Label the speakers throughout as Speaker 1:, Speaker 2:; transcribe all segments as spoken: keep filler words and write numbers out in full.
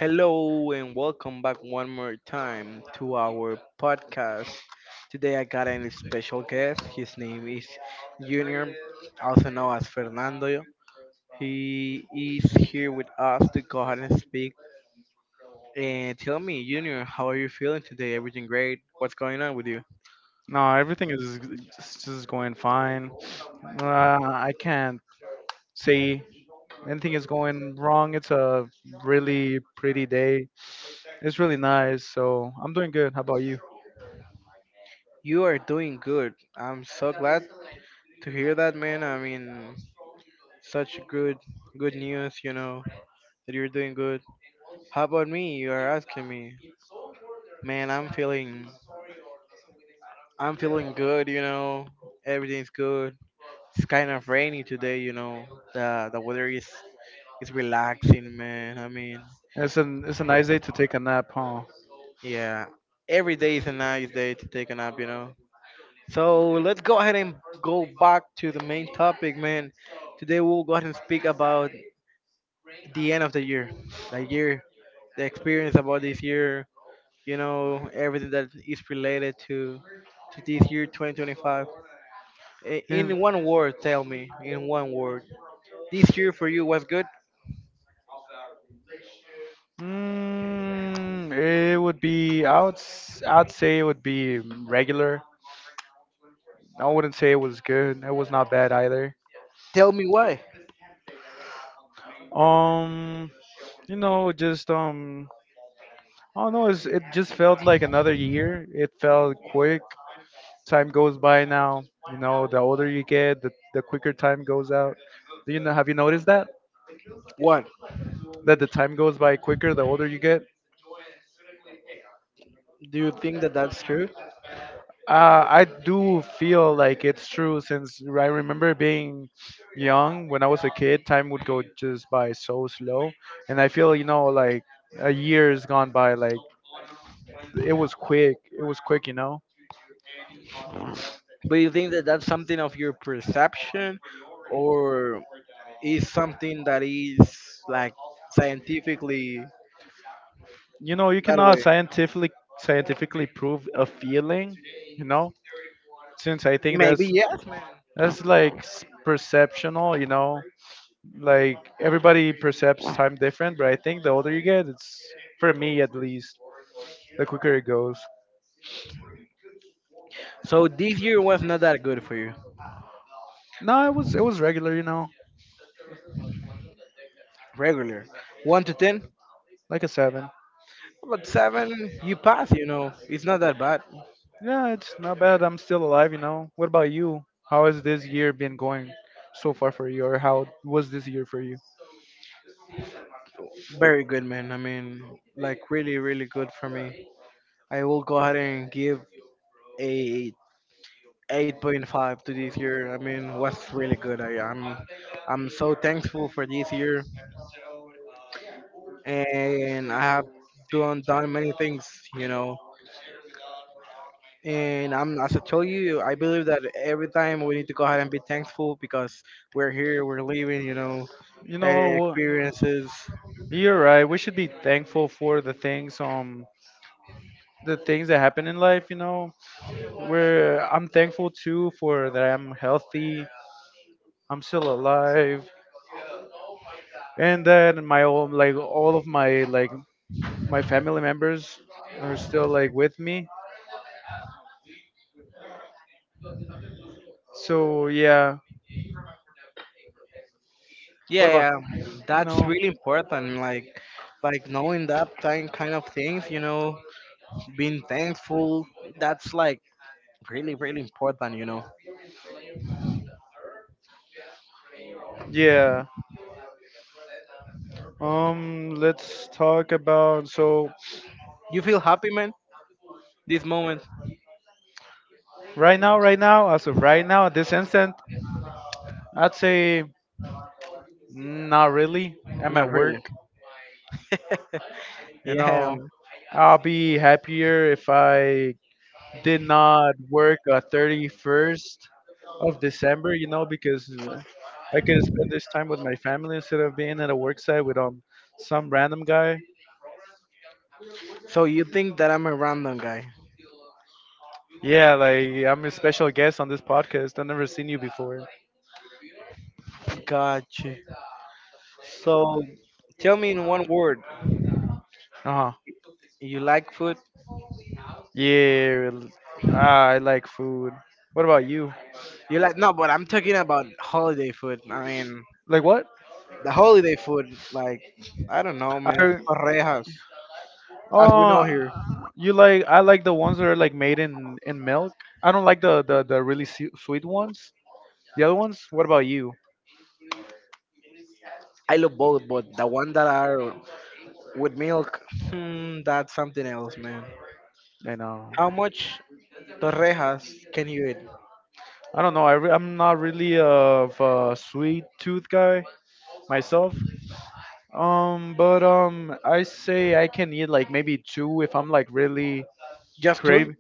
Speaker 1: Hello and welcome back one more time to our podcast. Today I got a special guest. His name is Junior, also known as Fernando. He is here with us to go ahead and speak. And tell me, Junior, how are you feeling today? Everything great? What's going on with you?
Speaker 2: No, everything is just just going fine. Uh, I can't say anything is going wrong. It's a really pretty day. It's really nice, so I'm doing good. How about you?
Speaker 1: You are doing good. I'm so glad to hear that, man. I mean, such good, good news. You know that you're doing good. How about me? You are asking me. Man, I'm feeling I'm feeling good, you know. Everything's good. It's kind of rainy today, you know. The the weather is is relaxing, man. I mean,
Speaker 2: It's an it's a nice day to take a nap, huh?
Speaker 1: yeah. Every day is a nice day to take a nap, you know. So let's go ahead and go back to the main topic, man. Today we'll go ahead and speak about the end of the year, the year, the experience about this year, you know, everything that is related to to this year twenty twenty-five. I-
Speaker 2: Yeah.
Speaker 1: In one word, tell me, in one word. This year for you was good.
Speaker 2: Mm, it would be I would s- I'd say it would be regular. I wouldn't say it was good. It was not bad either.
Speaker 1: Tell me why.
Speaker 2: Um, you know, just um, I don't know. It's, it just felt like another year. It felt quick. Time goes by now. You know, the older you get, the the quicker time goes out. Do you know? Have you noticed that?
Speaker 1: One.
Speaker 2: That the time goes by quicker the older you get.
Speaker 1: Do you think that that's true?
Speaker 2: Uh, I do feel like it's true since I remember being young when I was a kid. Time would go just by so slow, and I feel, you know, like a year has gone by like it was quick. It was quick, you know.
Speaker 1: Do you think that that's something of your perception, or is something that is like scientifically
Speaker 2: You know, you
Speaker 1: that
Speaker 2: cannot
Speaker 1: way?
Speaker 2: scientifically scientifically prove a feeling, you know, since I think
Speaker 1: Maybe
Speaker 2: that's
Speaker 1: yes.
Speaker 2: that's like s- perceptional, you know. Like everybody perceives time different, but I think the older you get, it's, for me at least, the quicker it goes.
Speaker 1: So this year was not that good for you,
Speaker 2: No, it was it was regular, you know,
Speaker 1: regular. One to ten,
Speaker 2: like a seven.
Speaker 1: about seven. You pass, you know. It's not that bad.
Speaker 2: Yeah, it's not bad. I'm still alive, you know. What about you? How has this year been going so far for you, or how was this year for you?
Speaker 1: Very good, man. I mean, like really, really good for me. I will go ahead and give a eight point five to this year. I mean, was really good. I, I'm, I'm so thankful for this year, and I have done done many things, you know. And I'm, as I told you, I believe that every time we need to go ahead and be thankful because we're here, we're living, you know,
Speaker 2: You
Speaker 1: and
Speaker 2: know,
Speaker 1: experiences.
Speaker 2: you're right. We should be thankful for the things um the things that happen in life, you know. Where I'm thankful too for that I'm healthy, I'm still alive, and that my own like all of my like my family members are still like with me. So yeah. What
Speaker 1: Yeah,
Speaker 2: about
Speaker 1: yeah,
Speaker 2: you
Speaker 1: that's
Speaker 2: know,
Speaker 1: really important. Like, like knowing that kind kind of things, you know, being thankful. That's like really, really important. You know,
Speaker 2: yeah. Um, let's talk about so
Speaker 1: you feel happy, man. This moment,
Speaker 2: right now, right now, as of right now, at this instant, I'd say not really. I'm at
Speaker 1: not really.
Speaker 2: work. You
Speaker 1: Yeah.
Speaker 2: know,
Speaker 1: um,
Speaker 2: I'll be happier if I did not work uh thirty-first of December, you know, because uh, I could spend this time with my family instead of being at a work site with um some random guy.
Speaker 1: So you think that I'm a random guy?
Speaker 2: Yeah, like I'm a special guest on this podcast. I've never seen you before.
Speaker 1: Gotcha. So, tell me in one word.
Speaker 2: Uh huh.
Speaker 1: You like food?
Speaker 2: Yeah, l- I like food. What about you?
Speaker 1: You like no, but I'm talking about holiday food. I mean,
Speaker 2: Like what?
Speaker 1: the holiday food. Like, I don't know, man.
Speaker 2: I
Speaker 1: Orejas, as we know
Speaker 2: Oh,
Speaker 1: here.
Speaker 2: you like I like the ones that are like made in in milk. I don't like the the, the really su- sweet ones. The other ones. What about you?
Speaker 1: I love both, but the one that are with milk, hmm, that's something else, man.
Speaker 2: I know.
Speaker 1: How much torrejas can you eat?
Speaker 2: I don't know. I re- I'm not really of a sweet tooth guy myself. Um, but um, I say I can eat like maybe two if I'm like really
Speaker 1: Just two?
Speaker 2: crave.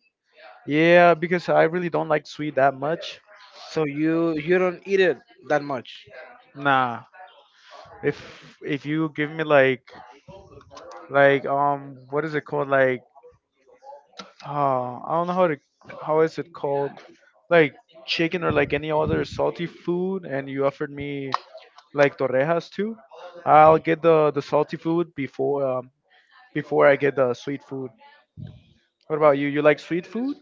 Speaker 2: Yeah, because I really don't like sweet that much.
Speaker 1: So you you don't eat it that much.
Speaker 2: Nah. If if you give me like like um what is it called like uh, I don't know how to how is it called, like chicken or like any other salty food, and you offered me like torrejas too. I'll get the the salty food before um, before I get the sweet food. What about you? You like sweet food?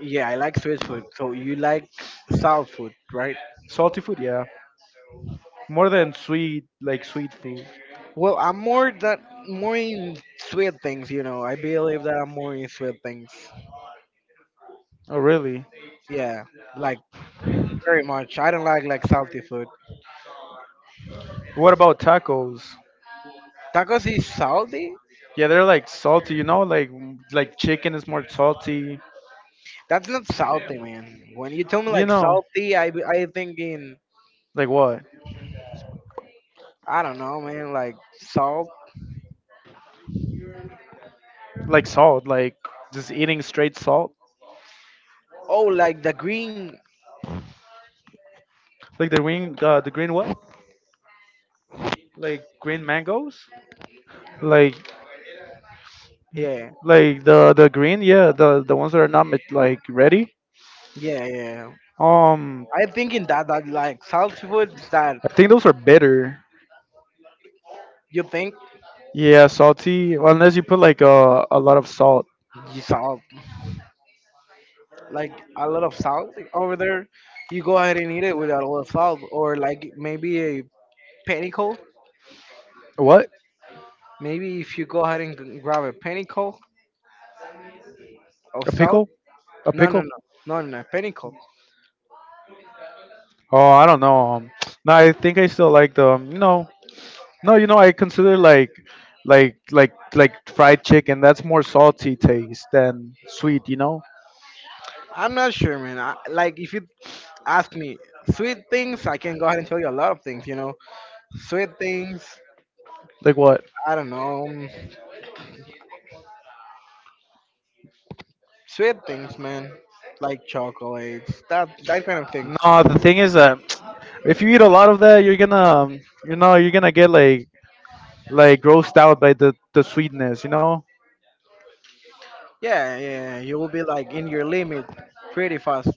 Speaker 1: Yeah, I like sweet food. So you like salt food, right?
Speaker 2: Salty food? Yeah, more than sweet, like sweet food.
Speaker 1: Well, I'm more that more in sweet things, you know. I believe that I'm more in sweet things.
Speaker 2: Oh really?
Speaker 1: Yeah, like very much. I don't like like salty food.
Speaker 2: What about tacos?
Speaker 1: Tacos is salty?
Speaker 2: Yeah, they're like salty, you know, like like chicken is more salty,
Speaker 1: That's not salty, man. When you tell me
Speaker 2: you
Speaker 1: like
Speaker 2: know,
Speaker 1: salty, I be- I think in
Speaker 2: like what?
Speaker 1: I don't know, man, like salt.
Speaker 2: Like salt, like just eating straight salt.
Speaker 1: Oh, like the green.
Speaker 2: Like the green, uh, the green what? Like green mangoes? Like
Speaker 1: Yeah,
Speaker 2: like the the green? Yeah, the the ones that are not ma- like ready.
Speaker 1: yeah, yeah.
Speaker 2: Um,
Speaker 1: I'm thinking that that like salty food is that
Speaker 2: I think those are bitter.
Speaker 1: you think
Speaker 2: Yeah, salty. Unless you put like a a lot of salt.
Speaker 1: you salt like a lot of salt over there. You go ahead and eat it with a lot of salt, or like maybe a panicle.
Speaker 2: What?
Speaker 1: Maybe if you go ahead and g- grab a panicle of
Speaker 2: A
Speaker 1: salt.
Speaker 2: pickle? A
Speaker 1: No, no,
Speaker 2: pickle?
Speaker 1: no, no, no, no panicle.
Speaker 2: Oh, I don't know. Um, no, I think I still like the. Um, No, no, you know, I consider like like like like fried chicken. That's more salty taste than sweet. You know,
Speaker 1: I'm not sure, man. I, like if you ask me sweet things, I can go ahead and tell you a lot of things. You know, sweet things.
Speaker 2: like what?
Speaker 1: I don't know. um, Sweet things, man, like chocolates, that that kind of things.
Speaker 2: No, the thing is that if you eat a lot of that, you're gonna, um, you know, you're gonna get like like grossed out by the the sweetness, you know.
Speaker 1: Yeah, yeah, yeah, you will be like in your limit pretty fast.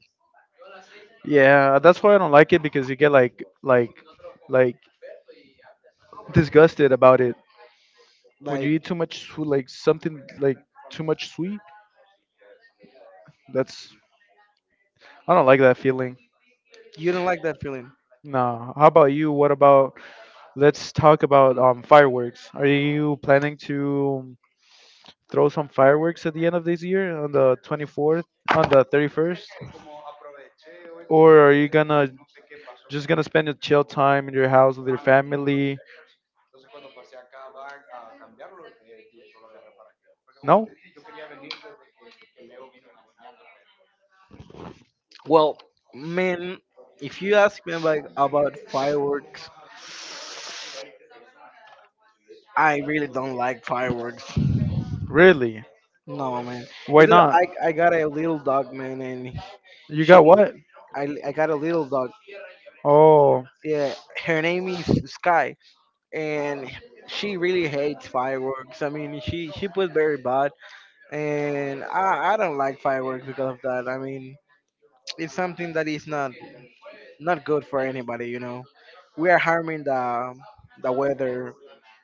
Speaker 2: Yeah, that's why I don't like it because you get like like like disgusted about it when you
Speaker 1: Like
Speaker 2: eat too much swe- like something like too much sweet. That's I don't like that feeling.
Speaker 1: you don't like that feeling.
Speaker 2: No. How about you? What about let's talk about um fireworks. Are you planning to throw some fireworks at the end of this year on the twenty-fourth, on the thirty-first? Or are you gonna just gonna spend your chill time in your house with your family? No?
Speaker 1: Well, man, if you ask me about, about fireworks, I really don't like fireworks.
Speaker 2: Really?
Speaker 1: No, man.
Speaker 2: Why
Speaker 1: Is that
Speaker 2: not?
Speaker 1: I I got a little dog, man, and
Speaker 2: You
Speaker 1: she
Speaker 2: got what?
Speaker 1: I I got a little dog.
Speaker 2: Oh,
Speaker 1: Yeah, her name is Sky, and she really hates fireworks. I mean, she she was very bad and I, I don't like fireworks because of that. I mean, it's something that is not not good for anybody. You know, we are harming the the weather.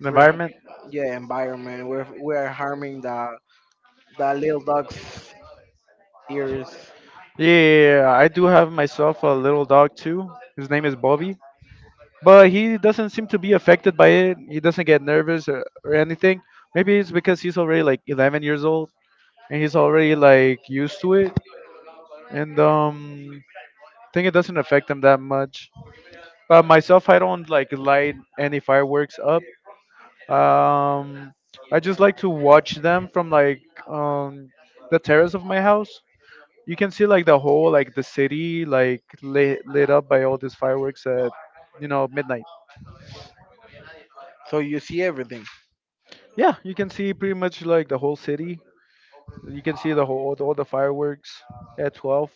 Speaker 2: the
Speaker 1: We're
Speaker 2: environment?
Speaker 1: yeah environment. We're we are harming the the little dog's ears.
Speaker 2: Yeah, I do have myself a little dog too. His name is Bobby. But he doesn't seem to be affected by it. He doesn't get nervous or, or anything. Maybe it's because he's already like eleven years old and he's already like used to it. And um, I think it doesn't affect him that much. Uh, myself, I don't like light any fireworks up. Um, I just like to watch them from like um the terrace of my house. You can see like the whole like the city like lit, lit up by all these fireworks at, you know, midnight.
Speaker 1: So you see everything.
Speaker 2: Yeah, you can see pretty much like the whole city. You can see the whole all the fireworks at twelve.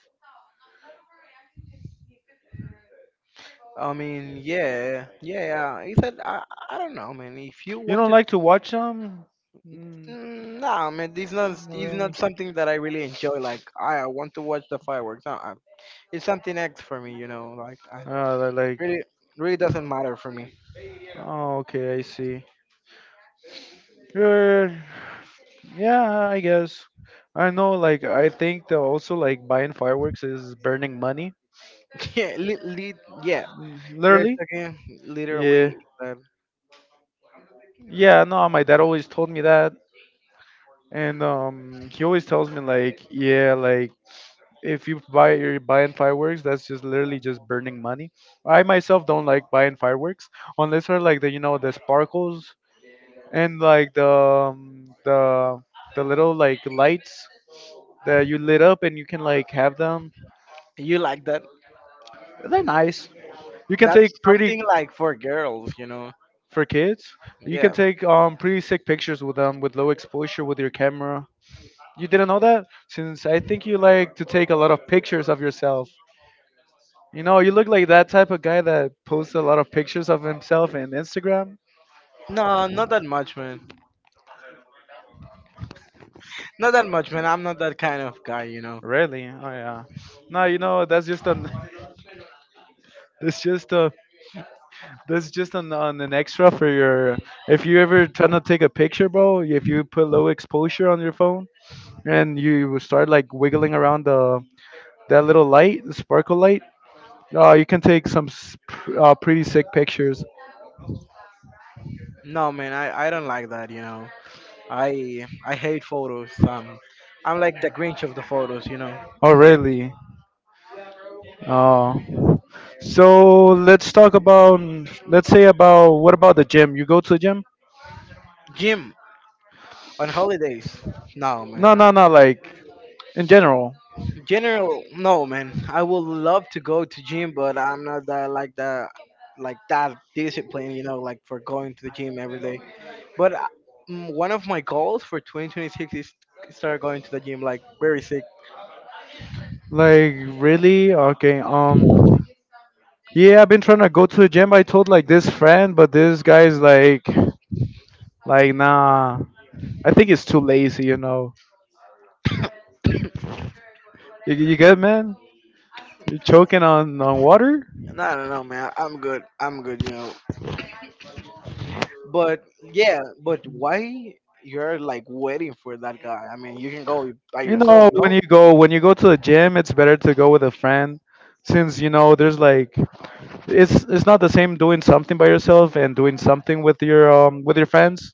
Speaker 1: I mean, yeah, yeah. He said, I, I don't know, man. If you
Speaker 2: You
Speaker 1: want
Speaker 2: don't
Speaker 1: to,
Speaker 2: like to watch them? Mm,
Speaker 1: mm, nah, man. It's
Speaker 2: not
Speaker 1: not, it's
Speaker 2: really.
Speaker 1: not something that I really enjoy. Like, I, I want to watch the fireworks. No, I, it's something else for me, you know. Like, I,
Speaker 2: Ah, they're like,
Speaker 1: Really, really doesn't matter for me.
Speaker 2: oh, okay, I see. Good. Yeah, I guess. I know, like, I think that also, like, buying fireworks is burning money,
Speaker 1: Yeah, li- li- yeah.
Speaker 2: mm,
Speaker 1: You're
Speaker 2: literally.
Speaker 1: talking
Speaker 2: Yeah.
Speaker 1: literally. Uh,
Speaker 2: Yeah, no, my dad always told me that. And um, he always tells me, like, yeah, like, if you buy, you're buying fireworks, that's just literally just burning money. I myself don't like buying fireworks unless they're like the, you know, the sparkles and like the, um, the, the little, like, lights that you lit up and you can, like, have them.
Speaker 1: you like that?
Speaker 2: They're nice. You can
Speaker 1: That's
Speaker 2: take
Speaker 1: something
Speaker 2: pretty
Speaker 1: like for girls, you know.
Speaker 2: for kids. You can
Speaker 1: Yeah.
Speaker 2: take um pretty sick pictures with them with low exposure with your camera. You didn't know that? Since I think you like to take a lot of pictures of yourself. You know, you look like that type of guy that posts a lot of pictures of himself in Instagram.
Speaker 1: No, not that much, man. Not that much, man. I'm not that kind of guy, you know.
Speaker 2: Really? Oh yeah. No, you know that's just an that's just a that's just an, an an extra for your if you ever trying to take a picture, bro. If you put low exposure on your phone and you will start like wiggling around the that little light, the sparkle light. Oh, you can take some s- pr- uh, pretty sick pictures.
Speaker 1: No, man. I I don't like that, you know. I I hate photos. Um, I'm like the Grinch of the photos, you know.
Speaker 2: Oh, really? Oh, so let's talk about, let's say about, what about the gym? You go to the gym?
Speaker 1: Gym on holidays. No, man.
Speaker 2: No, no, no. Like in general.
Speaker 1: General, no man. I would love to go to gym, but I'm not that like that like that discipline, you know, like for going to the gym every day. But uh, mm, one of my goals for twenty twenty-six is start going to the gym like very sick.
Speaker 2: Like really? Okay. Um. Yeah, I've been trying to go to the gym. I told like this friend, but this guy's like, like nah. I think it's too lazy. You know. You, you good, man? You're choking on on water.
Speaker 1: No, no, no, man. I'm good. I'm good, you know. But yeah, but why you're like waiting for that guy? I mean, you can go by
Speaker 2: You
Speaker 1: yourself,
Speaker 2: know, when
Speaker 1: no?
Speaker 2: you go when you go to the gym, it's better to go with a friend since you know there's like it's it's not the same doing something by yourself and doing something with your um with your friends.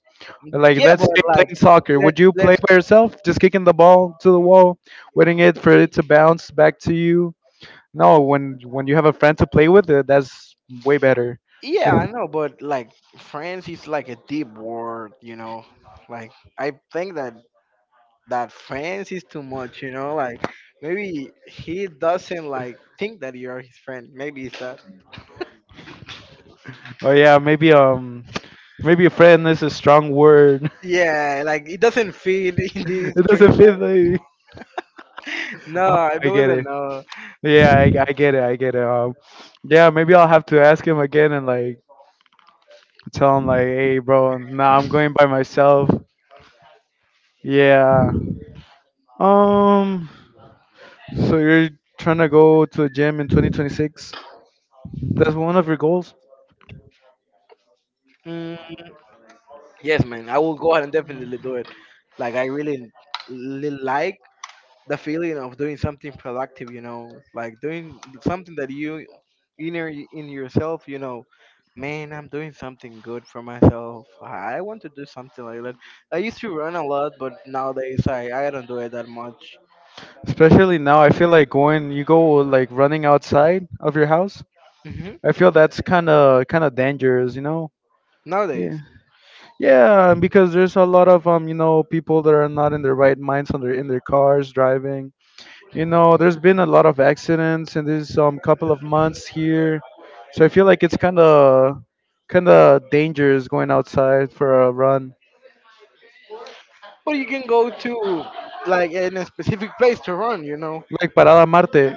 Speaker 2: Like
Speaker 1: Yeah,
Speaker 2: let's
Speaker 1: but
Speaker 2: say
Speaker 1: like
Speaker 2: playing soccer, would
Speaker 1: let's
Speaker 2: you play
Speaker 1: let's
Speaker 2: by yourself, just kicking the ball to the wall, waiting it for it to bounce back to you? No, when when you have a friend to play with, uh, that's way better.
Speaker 1: Yeah, I know, but like France is like a deep word, you know. Like I think that that France is too much, you know. Like maybe he doesn't like think that you are his friend. Maybe it's that.
Speaker 2: Oh yeah, maybe um maybe a friend is a strong word.
Speaker 1: Yeah, like it doesn't fit in this.
Speaker 2: It
Speaker 1: cur-
Speaker 2: doesn't
Speaker 1: Like,
Speaker 2: fit. Like,
Speaker 1: no,
Speaker 2: oh,
Speaker 1: I
Speaker 2: I
Speaker 1: believe
Speaker 2: get
Speaker 1: that
Speaker 2: it.
Speaker 1: no.
Speaker 2: Yeah, I, I get it. I get it. Um, yeah, maybe I'll have to ask him again and like tell him like, hey, bro, nah, I'm going by myself. Yeah. Um. So you're trying to go to the gym in twenty twenty-six? That's one of your goals.
Speaker 1: Mm, yes, man, I will go ahead and definitely do it. Like I really, really like the feeling of doing something productive, you know, like doing something that you inner y- in yourself, you know, man, I'm doing something good for myself. I I want to do something like that. I used to run a lot, but nowadays I, I don't do it that much.
Speaker 2: Especially now, I feel like going. You go like running outside of your house.
Speaker 1: Hmm
Speaker 2: I feel that's kind of kind of dangerous. You know. Yeah.
Speaker 1: Nowadays,
Speaker 2: Yeah, because there's a lot of um, you know, people that are not in their right minds on their in their cars driving. You know, there's been a lot of accidents in this um couple of months here, so I feel like it's kind of kind of dangerous going outside for a run.
Speaker 1: but you can go to like in a specific place to run, you know.
Speaker 2: Like Parada Marte.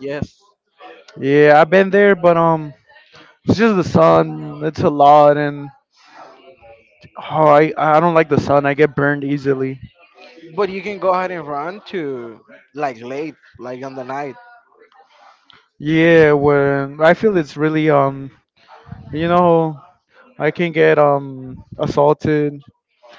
Speaker 1: Yes,
Speaker 2: Yeah, I've been there, but um, it's just the sun. It's a lot, and oh, I I don't like the sun. I get burned easily.
Speaker 1: but you can go ahead and run to like late, like on the night
Speaker 2: Yeah, when I feel it's really um, you know, I can get um assaulted,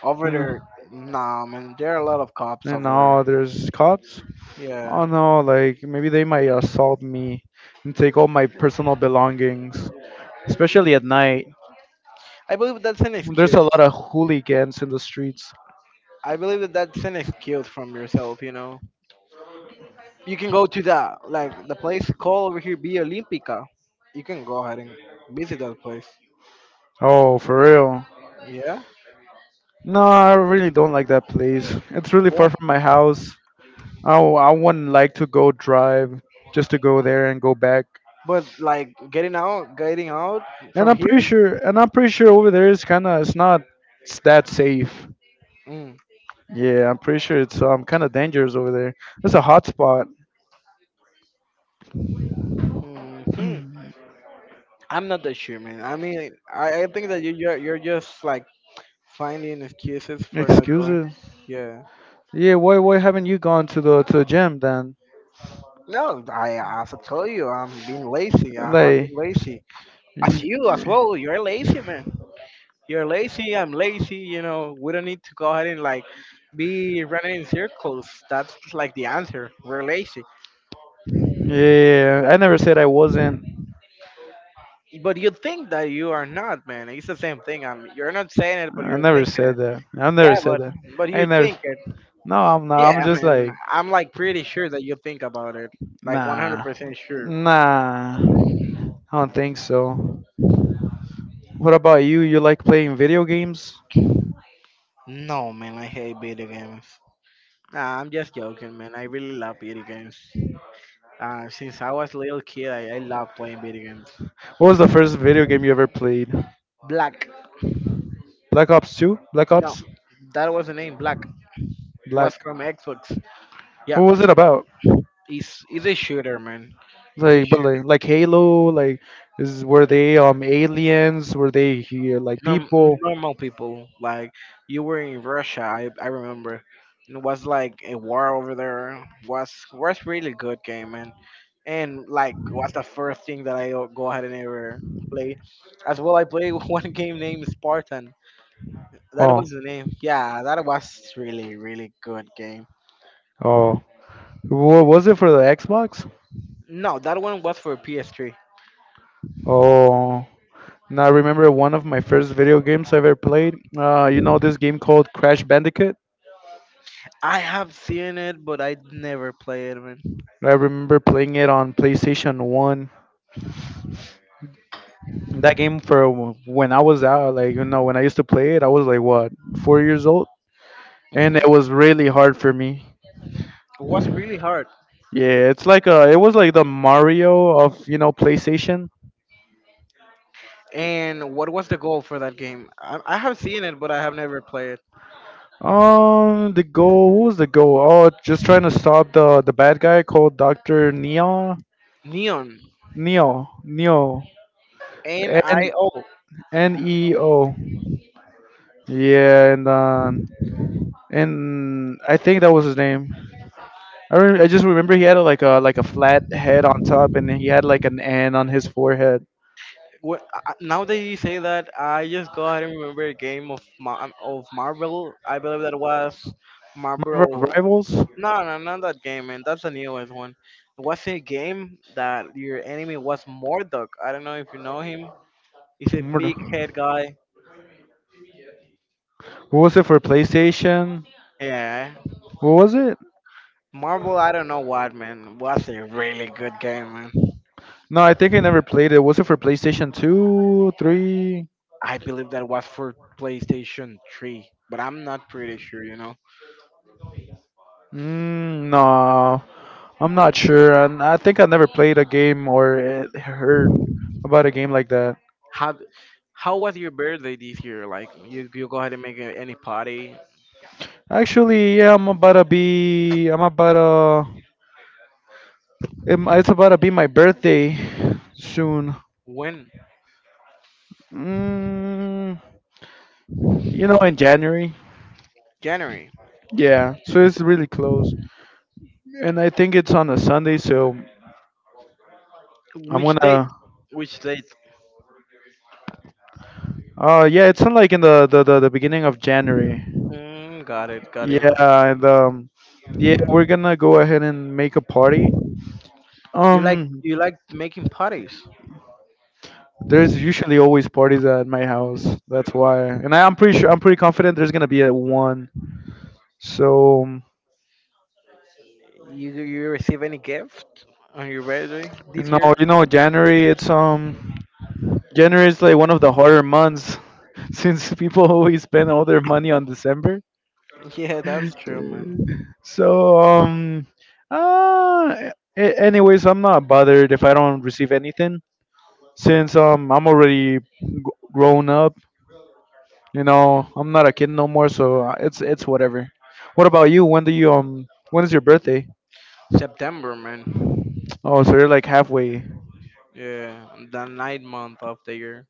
Speaker 1: over
Speaker 2: and
Speaker 1: there. Nah, man, there are a lot of cops
Speaker 2: and
Speaker 1: over there.
Speaker 2: now there's cops.
Speaker 1: Yeah.
Speaker 2: Oh no, like maybe they might assault me and take all my personal belongings, especially at night.
Speaker 1: I believe that's an
Speaker 2: There's a
Speaker 1: excuse.
Speaker 2: lot of hooligans in the streets.
Speaker 1: I believe that that's an excuse from yourself, you know. You can go to the like the place called over here Be Olimpica. You can go ahead and visit that place.
Speaker 2: Oh, for real?
Speaker 1: Yeah.
Speaker 2: No, I really don't like that place. It's really far
Speaker 1: Why?
Speaker 2: from my house. Oh, I wouldn't like to go drive just to go there and go back.
Speaker 1: But like getting out, getting out
Speaker 2: And
Speaker 1: from
Speaker 2: I'm pretty
Speaker 1: here.
Speaker 2: sure, and I'm pretty sure over there is kind of it's not s- that safe.
Speaker 1: Mm.
Speaker 2: Yeah, I'm pretty sure it's um kind of dangerous over there. It's a hot spot.
Speaker 1: Hmm. I'm not that sure, man. I mean, I, I think that you you're, you're just like finding excuses for not going.
Speaker 2: Excuse.
Speaker 1: Yeah.
Speaker 2: Yeah, why why haven't you gone to the to the gym then?
Speaker 1: No, I as I told you, I'm being lazy. I have been
Speaker 2: Like,
Speaker 1: lazy. As you
Speaker 2: you,
Speaker 1: as well. You're lazy, man. You're lazy. I'm lazy. You know, we don't need to go ahead and like be running in circles. That's like the answer. We're lazy.
Speaker 2: yeah, yeah, yeah. I never said I wasn't.
Speaker 1: But you think that you are not, man. It's the same thing. Um, you're not saying it, but
Speaker 2: I
Speaker 1: you're
Speaker 2: never
Speaker 1: thinking
Speaker 2: said
Speaker 1: it.
Speaker 2: that. I
Speaker 1: Yeah,
Speaker 2: never said
Speaker 1: but
Speaker 2: that.
Speaker 1: but
Speaker 2: I
Speaker 1: you
Speaker 2: never.
Speaker 1: think it.
Speaker 2: No, I'm not.
Speaker 1: Yeah,
Speaker 2: I'm just
Speaker 1: man.
Speaker 2: like,
Speaker 1: I'm like pretty sure that you think about it. Like
Speaker 2: nah,
Speaker 1: one hundred percent sure.
Speaker 2: nah. I don't think so. What about you? You like playing video games?
Speaker 1: No, man. I hate video games. Nah, I'm just joking, man. I really love video games. Uh, since I was a little kid, I, I love playing video games.
Speaker 2: What was the first video game you ever played?
Speaker 1: Black.
Speaker 2: Black Ops two? Black
Speaker 1: No,
Speaker 2: Ops?
Speaker 1: that was the name. Black was
Speaker 2: Black.
Speaker 1: from Xbox. Yeah,
Speaker 2: What was it about?
Speaker 1: he's he's a shooter, man. He's a
Speaker 2: Like, but like,
Speaker 1: shooter.
Speaker 2: like Halo. Like, is were they um aliens? Were they here like
Speaker 1: Norm,
Speaker 2: people?
Speaker 1: normal people like you were in Russia. I I remember. And it was like a war over there. Was was really good game, man. And like was the first thing that I o- go ahead and ever play. As well, I play one game named Spartan. That
Speaker 2: Oh,
Speaker 1: was the name. Yeah, that was really really good game.
Speaker 2: oh. Wa- was it for the Xbox?
Speaker 1: No, that one was for P S three.
Speaker 2: Oh, now I remember one of my first video games I ever played. Uh, you know this game called Crash Bandicoot?
Speaker 1: I have seen it, but I never played it. Man.
Speaker 2: I remember playing it on PlayStation one. That game for when I was out, like, you know, when I used to play it, I was like, what, four years old? And
Speaker 1: Hmm.
Speaker 2: it
Speaker 1: It
Speaker 2: was really hard for me.
Speaker 1: was really hard.
Speaker 2: Yeah, it's like uh it was like the Mario of, you know, PlayStation.
Speaker 1: And what was the goal for that game? I, I have seen it, but I have never played it.
Speaker 2: Um, the goal, who was the goal? Oh, just trying to stop the the bad guy called doctor Neo.
Speaker 1: Neon.
Speaker 2: Neo, Neo.
Speaker 1: N I
Speaker 2: N.
Speaker 1: O.
Speaker 2: N E O. Yeah, and um, and I think that was his name. I rem- I just remember he had a, like a like a flat head on top, and he had like an N on his forehead.
Speaker 1: Wh- I- Now that you say that, I just go ahead and remember a game of Mar- of Marvel. I believe that was
Speaker 2: Marvel
Speaker 1: Marvel.
Speaker 2: Rivals.
Speaker 1: No, no, not that game, man. That's the newest one. It was a game that your enemy was Mordok. I don't know if you know him. He's a
Speaker 2: Murder-
Speaker 1: big head guy.
Speaker 2: what was it for PlayStation?
Speaker 1: Yeah.
Speaker 2: What was it?
Speaker 1: Marvel, I don't know what, man, was a really good game, man.
Speaker 2: No, I think I never played it. Was it for PlayStation Two, Three?
Speaker 1: I believe that was for PlayStation three, but I'm not pretty sure, you know.
Speaker 2: Mm, no, I'm not sure. And I think I never played a game or eh, heard about a game like that.
Speaker 1: How how was your birthday this year? Like, you, you go ahead and make a- any party?
Speaker 2: Actually, yeah, I'm about to be. I'm about to. Um, It's about to be my birthday soon.
Speaker 1: When?
Speaker 2: Mm, you know, in January.
Speaker 1: January.
Speaker 2: Yeah, so it's really close, and I think it's on a Sunday. So I'm
Speaker 1: Which date?
Speaker 2: gonna.
Speaker 1: Which date?
Speaker 2: Uh, yeah, it's on like in the the, the, the beginning of January.
Speaker 1: Mm, got it, got it.
Speaker 2: Yeah, and um, yeah, we're gonna go ahead and make a party.
Speaker 1: You like
Speaker 2: Um,
Speaker 1: you like making parties?
Speaker 2: there's usually always parties at my house. That's why, and I, I'm pretty sure, I'm pretty confident there's gonna be a one. So. um,
Speaker 1: You you receive any gift on your birthday this
Speaker 2: No,
Speaker 1: year?
Speaker 2: you know, January, it's um January is like one of the harder months since people always spend all their money on December.
Speaker 1: Yeah, that's true, man.
Speaker 2: So, um uh a- Anyways, I'm not bothered if I don't receive anything since um I'm already g- grown up, you know, I'm not a kid no more, so uh, it's it's whatever. What about you? When do you um when is your birthday?
Speaker 1: September, man.
Speaker 2: Oh, so you're like halfway.
Speaker 1: Yeah, the ninth month of the year.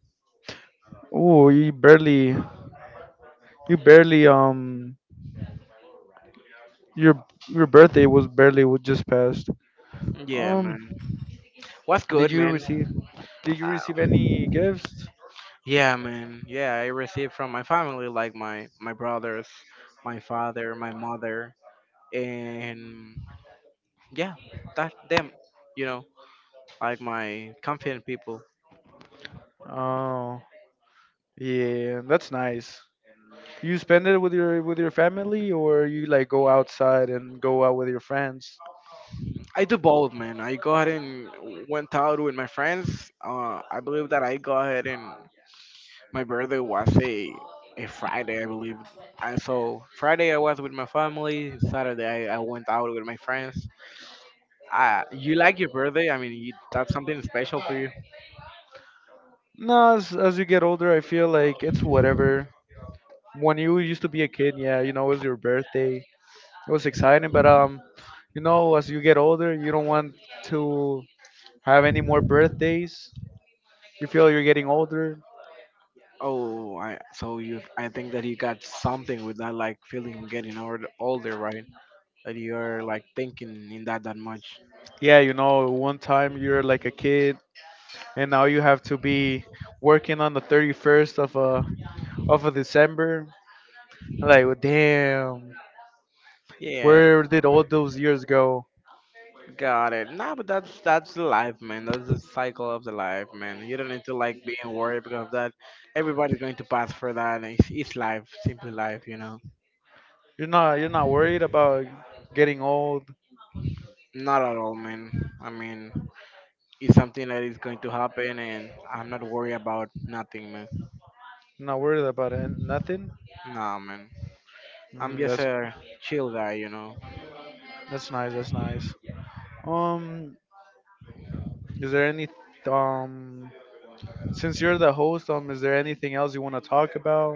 Speaker 2: Oh, you barely you barely um your your birthday was barely w- just passed.
Speaker 1: Yeah,
Speaker 2: Um,
Speaker 1: man. What's
Speaker 2: did
Speaker 1: good,
Speaker 2: you
Speaker 1: man?
Speaker 2: receive did you
Speaker 1: Uh,
Speaker 2: receive any gifts?
Speaker 1: yeah, man. Yeah, I received from my family, like my my brothers, my father, my mother, and yeah, that them. You know, like my confident people.
Speaker 2: Oh, yeah, that's nice. You spend it with your with your family or you like go outside and go out with your friends?
Speaker 1: I do both, man. I go ahead and went out with my friends. Uh, I believe that I go ahead and my birthday was a a Friday, I believe. And so Friday I was with my family. Saturday I, I went out with my friends. Uh, you like your birthday? I mean, you, that's something special for you.
Speaker 2: No, as, as you get older, I feel like it's whatever. When you used to be a kid, yeah, you know, it was your birthday. It was exciting, but um, you know, as you get older, you don't want to have any more birthdays. You feel you're getting older.
Speaker 1: Oh, I, so you? I think that you got something with that, like feeling getting old, older, right? That you're like thinking in that that much.
Speaker 2: Yeah, you know, one time you're like a kid and now you have to be working on the thirty-first of a of a December. Like, well, damn,
Speaker 1: Yeah.
Speaker 2: where did all those years go?
Speaker 1: Got it. Nah, but that's that's the life, man. That's the cycle of the life, man. You don't need to like be in worry because of that everybody's going to pass for that. And It's, it's life, simply life, you know.
Speaker 2: You're not you're not worried about getting old.
Speaker 1: Not at all, man. I mean, it's something that is going to happen, and I'm not worried about nothing, man.
Speaker 2: You're not worried about it, nothing.
Speaker 1: Nah, man. I'm
Speaker 2: Mm,
Speaker 1: just
Speaker 2: that's
Speaker 1: a chill guy, you know.
Speaker 2: that's nice. That's nice. Um, is there any um since you're the host, um, is there anything else you want to talk about?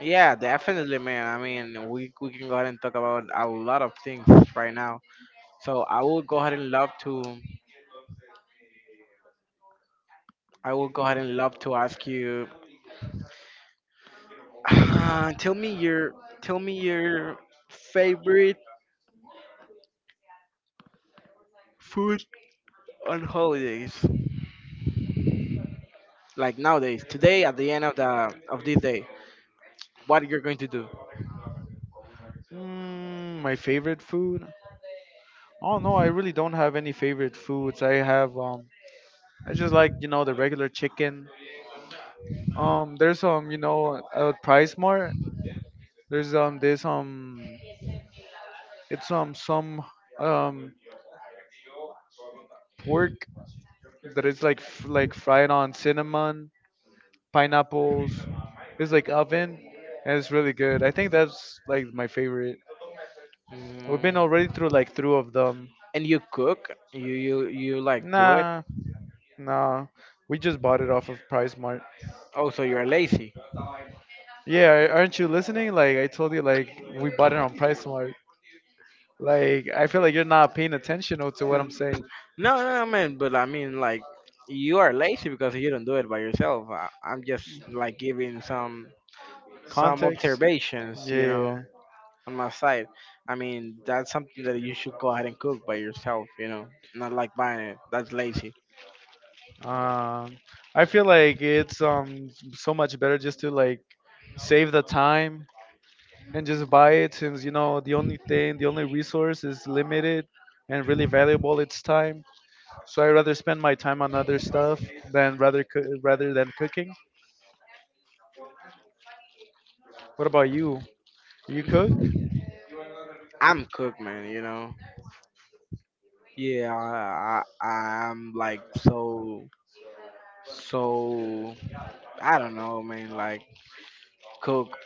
Speaker 1: Yeah, definitely, man. I mean, we we can go ahead and talk about a lot of things right now. So I will go ahead and love to I will go ahead and love to ask you tell me your tell me your favorite food on holidays. Like nowadays, today at the end of the of this day, what you're going to do?
Speaker 2: Mm, my favorite food. Oh no, I really don't have any favorite foods. I have um I just like you know the regular chicken. Um, there's um you know at Price Mart there's um this um it's um some um pork that is like f- like fried on cinnamon, pineapples. It's like oven and it's really good. I think that's like my favorite. We've been
Speaker 1: Mm,
Speaker 2: already through like three of them.
Speaker 1: and you cook, you you you like do it.
Speaker 2: Nah, nah. We just bought it off of Price Mart.
Speaker 1: Also, you're lazy.
Speaker 2: Yeah, aren't you listening? Like I told you, like we bought it on Price Mart. Like I feel like you're not paying attention to what I'm saying.
Speaker 1: No, no, no, man. But I mean, like you are lazy because you don't do it by yourself. I, I'm just like giving some some
Speaker 2: Context.
Speaker 1: observations, you know.
Speaker 2: Yeah.
Speaker 1: On my side. I mean, that's something that you should go ahead and cook by yourself, you know, not like buying it. That's lazy.
Speaker 2: Um, I feel like it's um so much better just to like save the time and just buy it since you know the only thing, the only resource is limited and really valuable. It's time. So I rather spend my time on other stuff than rather coo- rather than cooking. What about you? You cook?
Speaker 1: I'm cook, man, you know. Yeah, I, I, I'm like so, so, I don't know, man, like cook.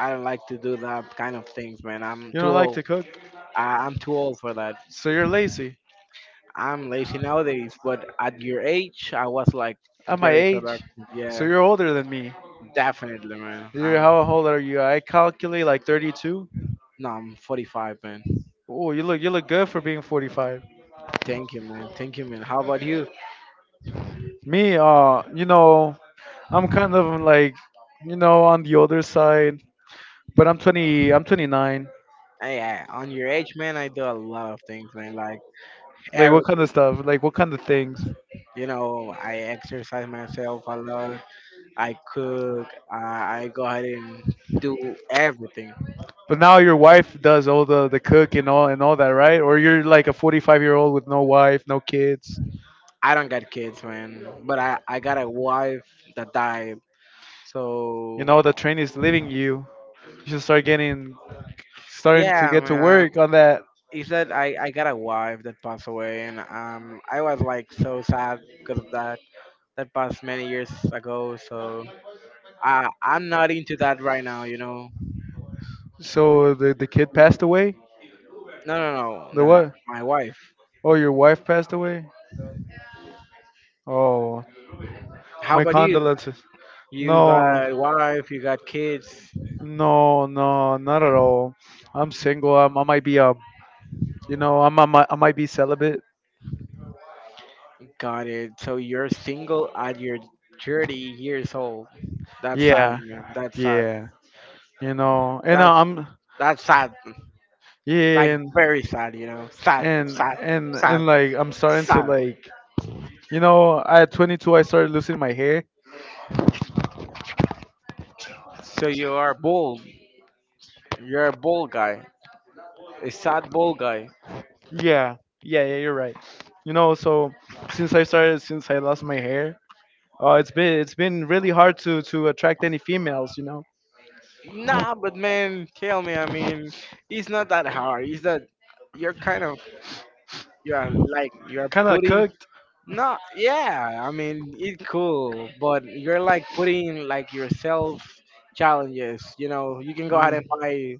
Speaker 1: I don't like to do that kind of things, man. I'm
Speaker 2: You
Speaker 1: too
Speaker 2: don't like
Speaker 1: old.
Speaker 2: to cook,
Speaker 1: I, I'm too old for that.
Speaker 2: so you're lazy.
Speaker 1: I'm lazy nowadays, but at your age, I was like
Speaker 2: At my
Speaker 1: very
Speaker 2: age,
Speaker 1: productive.
Speaker 2: so
Speaker 1: Yeah,
Speaker 2: you're older than me.
Speaker 1: definitely, man.
Speaker 2: You're how
Speaker 1: I'm,
Speaker 2: old are you? I calculate like thirty-two.
Speaker 1: no, I'm forty-five, man.
Speaker 2: Oh, you look you look good for being forty-five.
Speaker 1: Thank you, man. Thank you, man. How about you?
Speaker 2: Me, uh, you know, I'm kind of like, you know, on the older side, but I'm twenty. I'm twenty-nine.
Speaker 1: I, I, on your age, man, I do a lot of things, man. Like
Speaker 2: Like
Speaker 1: every,
Speaker 2: what kind of stuff? Like what kind of things?
Speaker 1: you know, I exercise myself a lot. I cook. Uh, I go ahead and do everything.
Speaker 2: But now your wife does all the the cook and all and all that, right? Or you're like a forty-five year old with no wife, no kids.
Speaker 1: I don't got kids, man, but I, I got a wife that died.
Speaker 2: You
Speaker 1: So
Speaker 2: know, the train is leaving you. You should start getting starting to
Speaker 1: yeah,
Speaker 2: get to
Speaker 1: man.
Speaker 2: work on that.
Speaker 1: Is that I, I got a wife that passed away, and um, I was like so sad because of that. That passed many years ago, so I I'm not into that right now, you know.
Speaker 2: So the the kid passed away.
Speaker 1: No, no, no.
Speaker 2: The
Speaker 1: The,
Speaker 2: what?
Speaker 1: my wife.
Speaker 2: Oh, your wife passed away? Oh,
Speaker 1: How
Speaker 2: my
Speaker 1: about you?
Speaker 2: condolences.
Speaker 1: You
Speaker 2: No,
Speaker 1: got wife, you got kids.
Speaker 2: no, no, not at all. I'm single. I'm, I might be um, you know, I'm, I might, I might be celibate.
Speaker 1: Got it. So you're single at your thirty years old. That's sad,
Speaker 2: Yeah,
Speaker 1: man. That's sad.
Speaker 2: yeah, you know, and
Speaker 1: That's
Speaker 2: uh, I'm,
Speaker 1: that's sad. Like
Speaker 2: yeah, and,
Speaker 1: very sad, you know. Sad,
Speaker 2: and
Speaker 1: sad,
Speaker 2: and
Speaker 1: sad,
Speaker 2: and like I'm starting to
Speaker 1: sad.
Speaker 2: like, you know, at twenty-two I started losing my hair.
Speaker 1: So you are bold. You're a bold guy. A sad bold guy.
Speaker 2: Yeah, yeah, yeah. You're right. You know, so since I started, since I lost my hair, uh, it's been it's been really hard to to attract any females. You know.
Speaker 1: Nah, but man, tell me. I mean, it's not that hard. It's that you're kind of you're like you're
Speaker 2: Kind of
Speaker 1: putting.
Speaker 2: cooked.
Speaker 1: No, yeah, I mean it's cool, but you're like putting like yourself challenges. You know, you can go ahead
Speaker 2: Mm,
Speaker 1: and buy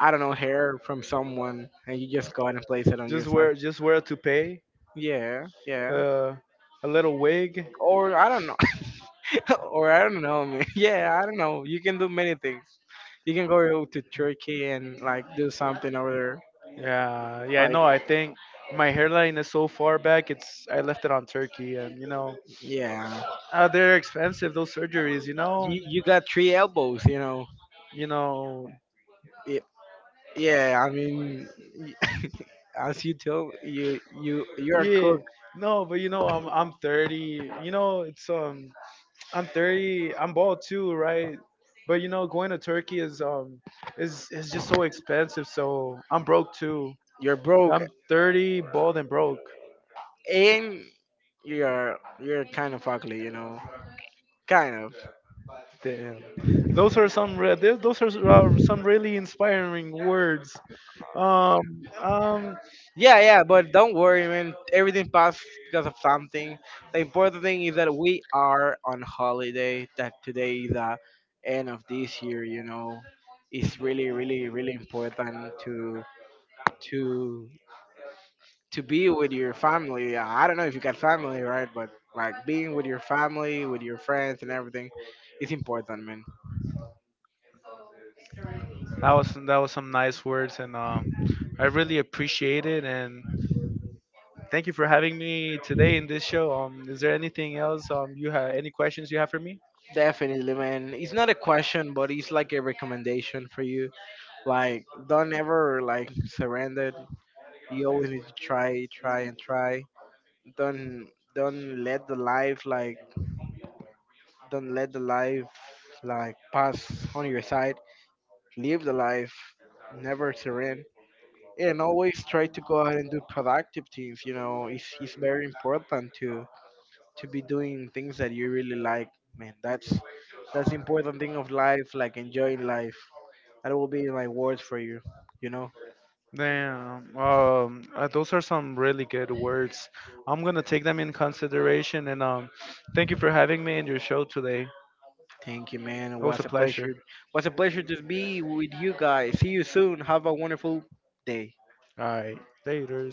Speaker 1: I don't know hair from someone, and you just go ahead and place it on your
Speaker 2: just
Speaker 1: site.
Speaker 2: where just where to pay.
Speaker 1: Yeah, yeah.
Speaker 2: Uh, a little wig.
Speaker 1: Or I don't know, or I don't know, man. Yeah, I don't know. You can do many things. You can go to Turkey and like do something over there.
Speaker 2: Yeah, yeah, I
Speaker 1: Like,
Speaker 2: know. I think my hairline is so far back. It's I left it on Turkey, and you know,
Speaker 1: yeah,
Speaker 2: uh, they're expensive. Those surgeries, you know,
Speaker 1: you you got three elbows, you know.
Speaker 2: you know,
Speaker 1: Yeah, I mean, as you tell, you you you are
Speaker 2: yeah,
Speaker 1: cook,
Speaker 2: no, but you know, I'm I'm thirty. You know, it's um, I'm thirty. I'm bald too, right? But you know, going to Turkey is um, is is just so expensive. So I'm broke too.
Speaker 1: you're broke,
Speaker 2: I'm thirty, bald and broke.
Speaker 1: and you're you're kind of ugly, you know, kind of.
Speaker 2: Damn. Those are some re- th- those are s- are some really inspiring words. Um, um,
Speaker 1: Yeah, yeah, but don't worry, man. Everything passed because of something. The important thing is that we are on holiday. That today is the end of this year, you know. It's really, really, really important to to to be with your family. Uh, I don't know if you got family, right? But like being with your family, with your friends, and everything is important, man.
Speaker 2: that was that was some nice words, and um, I really appreciate it. And thank you for having me today in this show. Um, is there anything else? Um, you have any questions you have for me?
Speaker 1: Definitely, man. It's not a question, but it's like a recommendation for you. Like, don't ever like surrender. You always need to try, try, and try. Don't don't let the life like don't let the life like pass on your side. Live the life. Never surrender and always try to go out and do productive things, you know, it's, it's very important to to be doing things that you really like, man. That's that's the important thing of life, like enjoying life. That will be my words for you, you know.
Speaker 2: Damn. Um, uh, those are some really good words. I'm gonna take them in consideration. And um, thank you for having me in your show today.
Speaker 1: Thank you, man. It
Speaker 2: It was a
Speaker 1: was a
Speaker 2: pleasure.
Speaker 1: pleasure. Was a pleasure to be with you guys. See you soon. Have a wonderful day.
Speaker 2: All right, later.